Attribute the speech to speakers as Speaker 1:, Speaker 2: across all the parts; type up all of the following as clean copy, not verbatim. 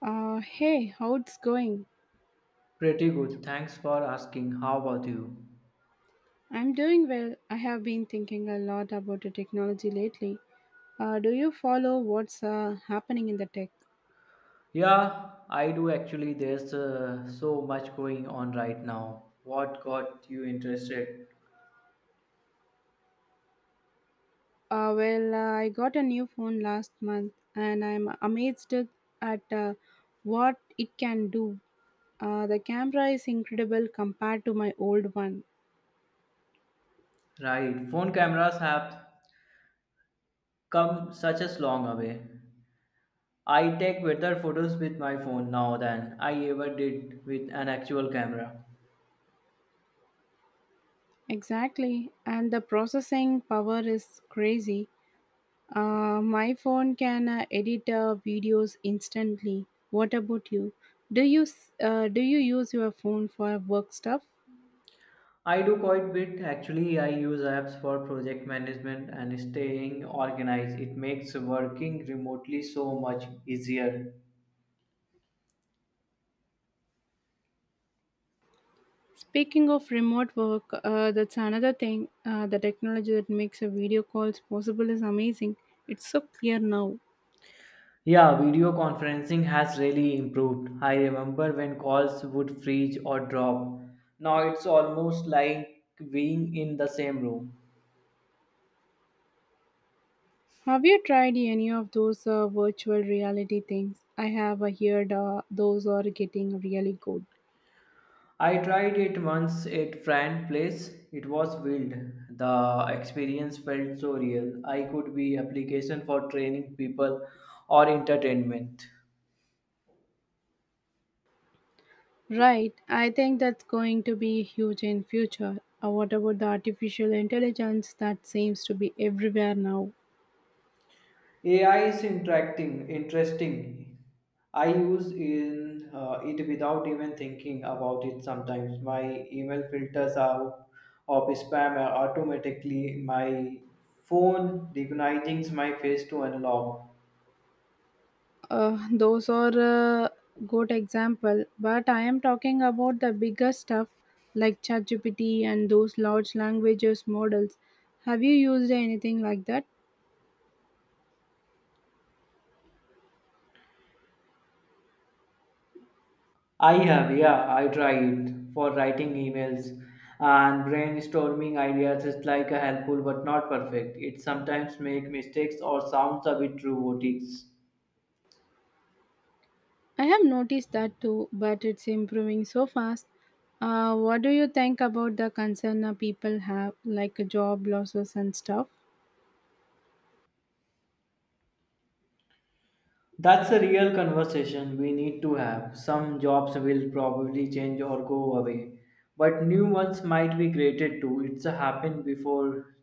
Speaker 1: Hey, how it's going?
Speaker 2: Pretty good. Thanks for asking. How about you?
Speaker 1: I'm doing well. I have been thinking a lot about the technology lately. Do you follow what's happening in the tech?
Speaker 2: Yeah, I do actually. There's so much going on right now. What got you interested?
Speaker 1: I got a new phone last month and I'm amazed at what it can do. The camera is incredible compared to my old one.
Speaker 2: Right. Phone cameras have come such a long way. I take better photos with my phone now than I ever did with an actual camera.
Speaker 1: Exactly, and the processing power is crazy. My phone can edit videos instantly. What about you? Do you use your phone for work stuff?
Speaker 2: I do quite bit actually. I use apps for project management and staying organized. It makes working remotely so much easier.
Speaker 1: Speaking of remote work, that's another thing. The technology that makes a video calls possible is amazing. It's so clear now.
Speaker 2: Yeah, video conferencing has really improved. I remember when calls would freeze or drop. Now it's almost like being in the same room.
Speaker 1: Have you tried any of those virtual reality things? I have heard those are getting really good.
Speaker 2: I tried it once at friend place. It was wild. The experience felt so real. I could be application for training people or entertainment.
Speaker 1: Right, I think that's going to be huge in future. What about the artificial intelligence that seems to be everywhere now?
Speaker 2: AI is interacting, interesting. I use in it without even thinking about it sometimes. My email filters out of spam automatically. My phone recognizes my face to unlock.
Speaker 1: Those are a good example, but I am talking about the bigger stuff like ChatGPT and those large languages models. Have you used anything like that?
Speaker 2: I have, yeah, I tried for writing emails and brainstorming ideas is like a helpful but not perfect. It sometimes make mistakes or sounds a bit robotic.
Speaker 1: I have noticed that too, but it's improving so fast. What do you think about the concern people have, like job losses and stuff?
Speaker 2: That's a real conversation we need to have. Some jobs will probably change or go away, but new ones might be created too. It's happened before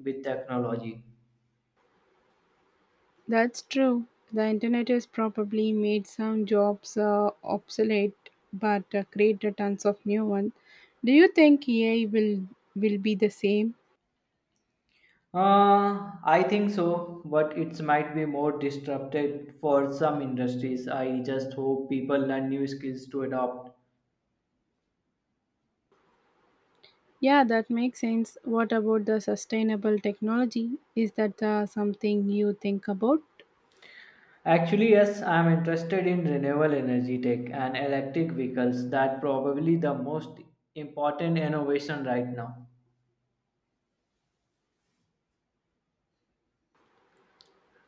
Speaker 2: with technology.
Speaker 1: That's true. The internet has probably made some jobs obsolete, but created tons of new ones. Do you think AI will be the same?
Speaker 2: I think so, but it might be more disrupted for some industries. I just hope people learn new skills to adopt.
Speaker 1: Yeah, that makes sense. What about the sustainable technology? Is that something you think about?
Speaker 2: Actually, yes, I'm interested in renewable energy tech and electric vehicles. That probably the most important innovation right now.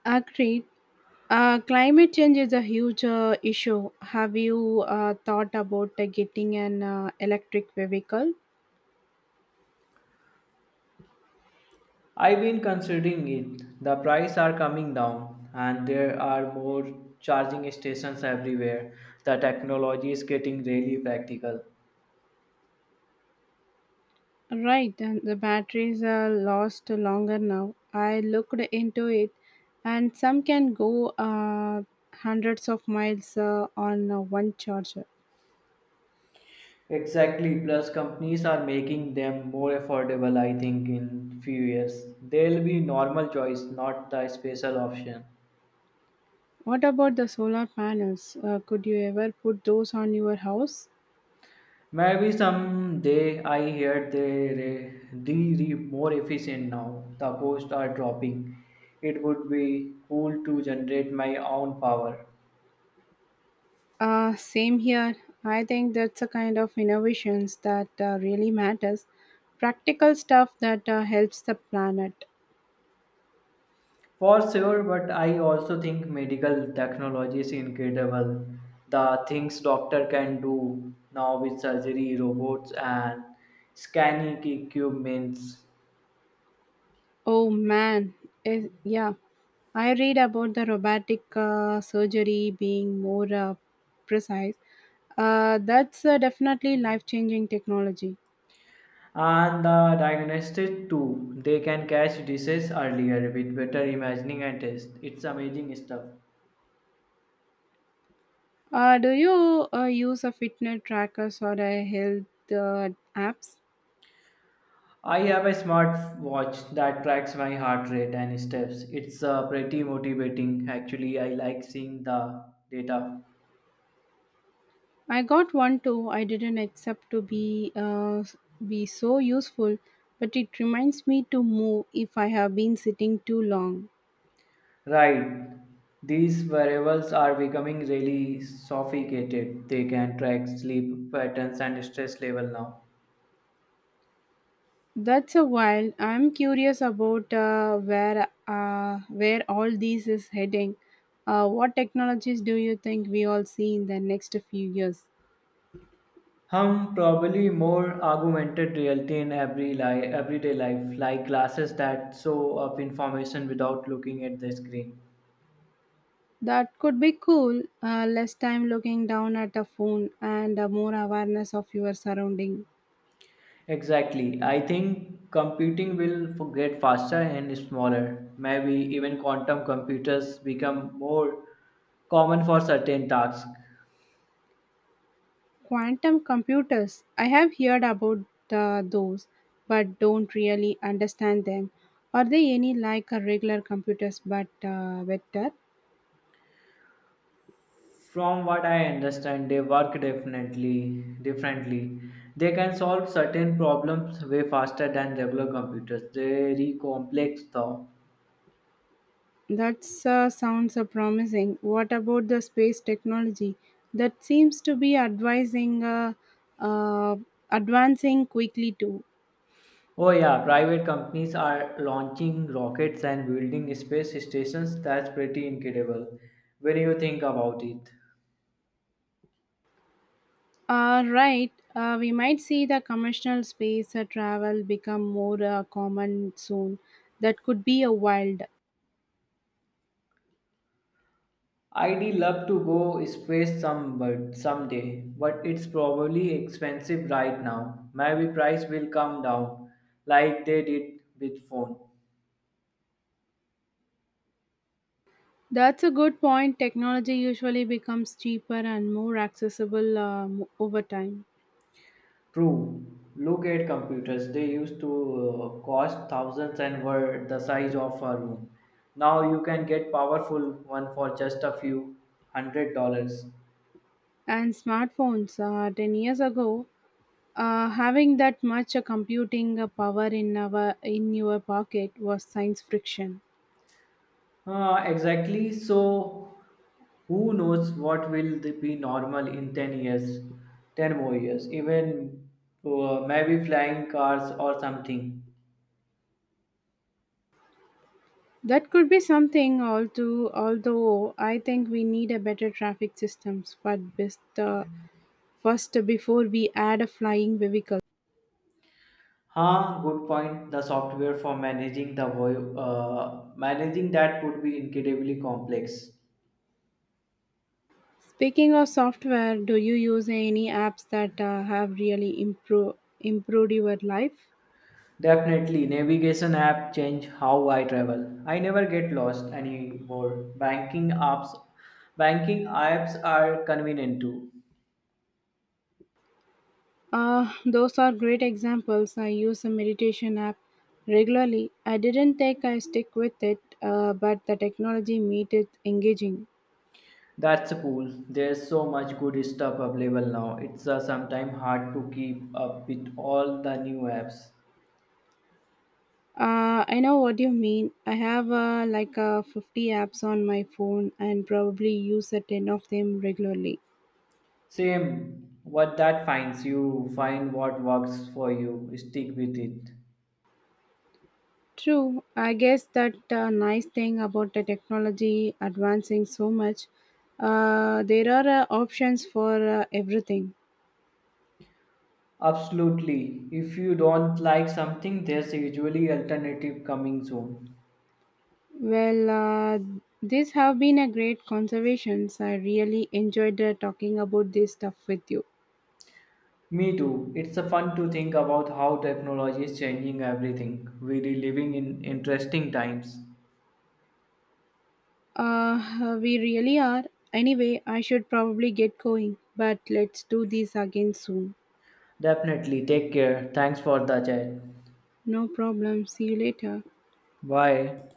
Speaker 1: Agreed. Climate change is a huge issue. Have you thought about getting an electric vehicle?
Speaker 2: I've been considering it. The prices are coming down and there are more charging stations everywhere. The technology is getting really practical.
Speaker 1: Right, and the batteries are lost longer now. I looked into it, and some can go hundreds of miles on one charger.
Speaker 2: Exactly, plus companies are making them more affordable I think in few years. They'll be normal choice, not the special option.
Speaker 1: What about the solar panels? Could you ever put those on your house?
Speaker 2: Maybe someday I hear they are re more efficient now. The costs are dropping. It would be cool to generate my own power.
Speaker 1: Same here. I think that's a kind of innovations that really matters. Practical stuff that helps the planet.
Speaker 2: For sure, but I also think medical technology is incredible. The things doctor can do now with surgery, robots, and scanning equipments,
Speaker 1: Oh man, is yeah. I read about the robotic surgery being more precise. That's definitely life changing technology.
Speaker 2: and the diagnostics too. They can catch disease earlier with better imaging and test. It's amazing stuff.
Speaker 1: Do you use a fitness trackers or a health apps?
Speaker 2: I have a smart watch that tracks my heart rate and steps. It's pretty motivating. Actually, I like seeing the data.
Speaker 1: I got one too. I didn't accept to be so useful, but it reminds me to move if I have been sitting too long.
Speaker 2: Right. These variables are becoming really sophisticated. They can track sleep patterns and stress level now.
Speaker 1: That's a while. I'm curious about where all this is heading. What technologies do you think we all see in the next few years?
Speaker 2: Hum probably more augmented reality in everyday life, like glasses that show up information without looking at the screen.
Speaker 1: That could be cool. Less time looking down at a phone and more awareness of your surrounding.
Speaker 2: Exactly. I think computing will get faster and smaller. Maybe even quantum computers become more common for certain tasks.
Speaker 1: Quantum computers. I have heard about those, but don't really understand them. Are they any like a regular computers but better?
Speaker 2: From what I understand, they work definitely differently. They can solve certain problems way faster than regular computers. Very complex though.
Speaker 1: That sounds promising. What about the space technology? That seems to be advising, uh, uh, advancing quickly too.
Speaker 2: Oh yeah, private companies are launching rockets and building space stations. That's pretty incredible when you think about it.
Speaker 1: Right, we might see the commercial space travel become more common soon. That could be a wild.
Speaker 2: I'd love to go space someday, but it's probably expensive right now. Maybe price will come down like they did with phone.
Speaker 1: That's a good point. Technology usually becomes cheaper and more accessible over time.
Speaker 2: True. Look at computers. They used to cost thousands and were the size of a room. Now you can get powerful one for just a few $100s.
Speaker 1: And smartphones, 10 years ago, having that much computing power in our in your pocket was science friction.
Speaker 2: Exactly. So who knows what will be normal in 10 years, 10 more years, even maybe flying cars or something.
Speaker 1: That could be something. Although I think we need a better traffic systems, but best first before we add a flying vehicle.
Speaker 2: Huh, good point. The software for managing managing that would be incredibly complex.
Speaker 1: Speaking of software, do you use any apps that have really improved your life?
Speaker 2: Definitely, navigation app change how I travel. I never get lost anymore. Banking apps are convenient too.
Speaker 1: Those are great examples. I use a meditation app regularly. I didn't think I stick with it, but the technology made it engaging.
Speaker 2: That's cool. There's so much good stuff available now. It's sometimes hard to keep up with all the new apps.
Speaker 1: I know what you mean. I have 50 apps on my phone and probably use a 10 of them regularly.
Speaker 2: Same, what that finds you, find what works for you, stick with it.
Speaker 1: True. I guess that nice thing about the technology advancing so much, there are options for everything.
Speaker 2: Absolutely. If you don't like something, there's usually alternative coming soon.
Speaker 1: Well, these have been a great conversations. I really enjoyed talking about this stuff with you.
Speaker 2: Me too. It's a fun to think about how technology is changing everything. We are living in interesting times.
Speaker 1: We really are. Anyway, I should probably get going, but let's do this again soon.
Speaker 2: Definitely take care. Thanks for the chat.
Speaker 1: No problem. See you later.
Speaker 2: Bye.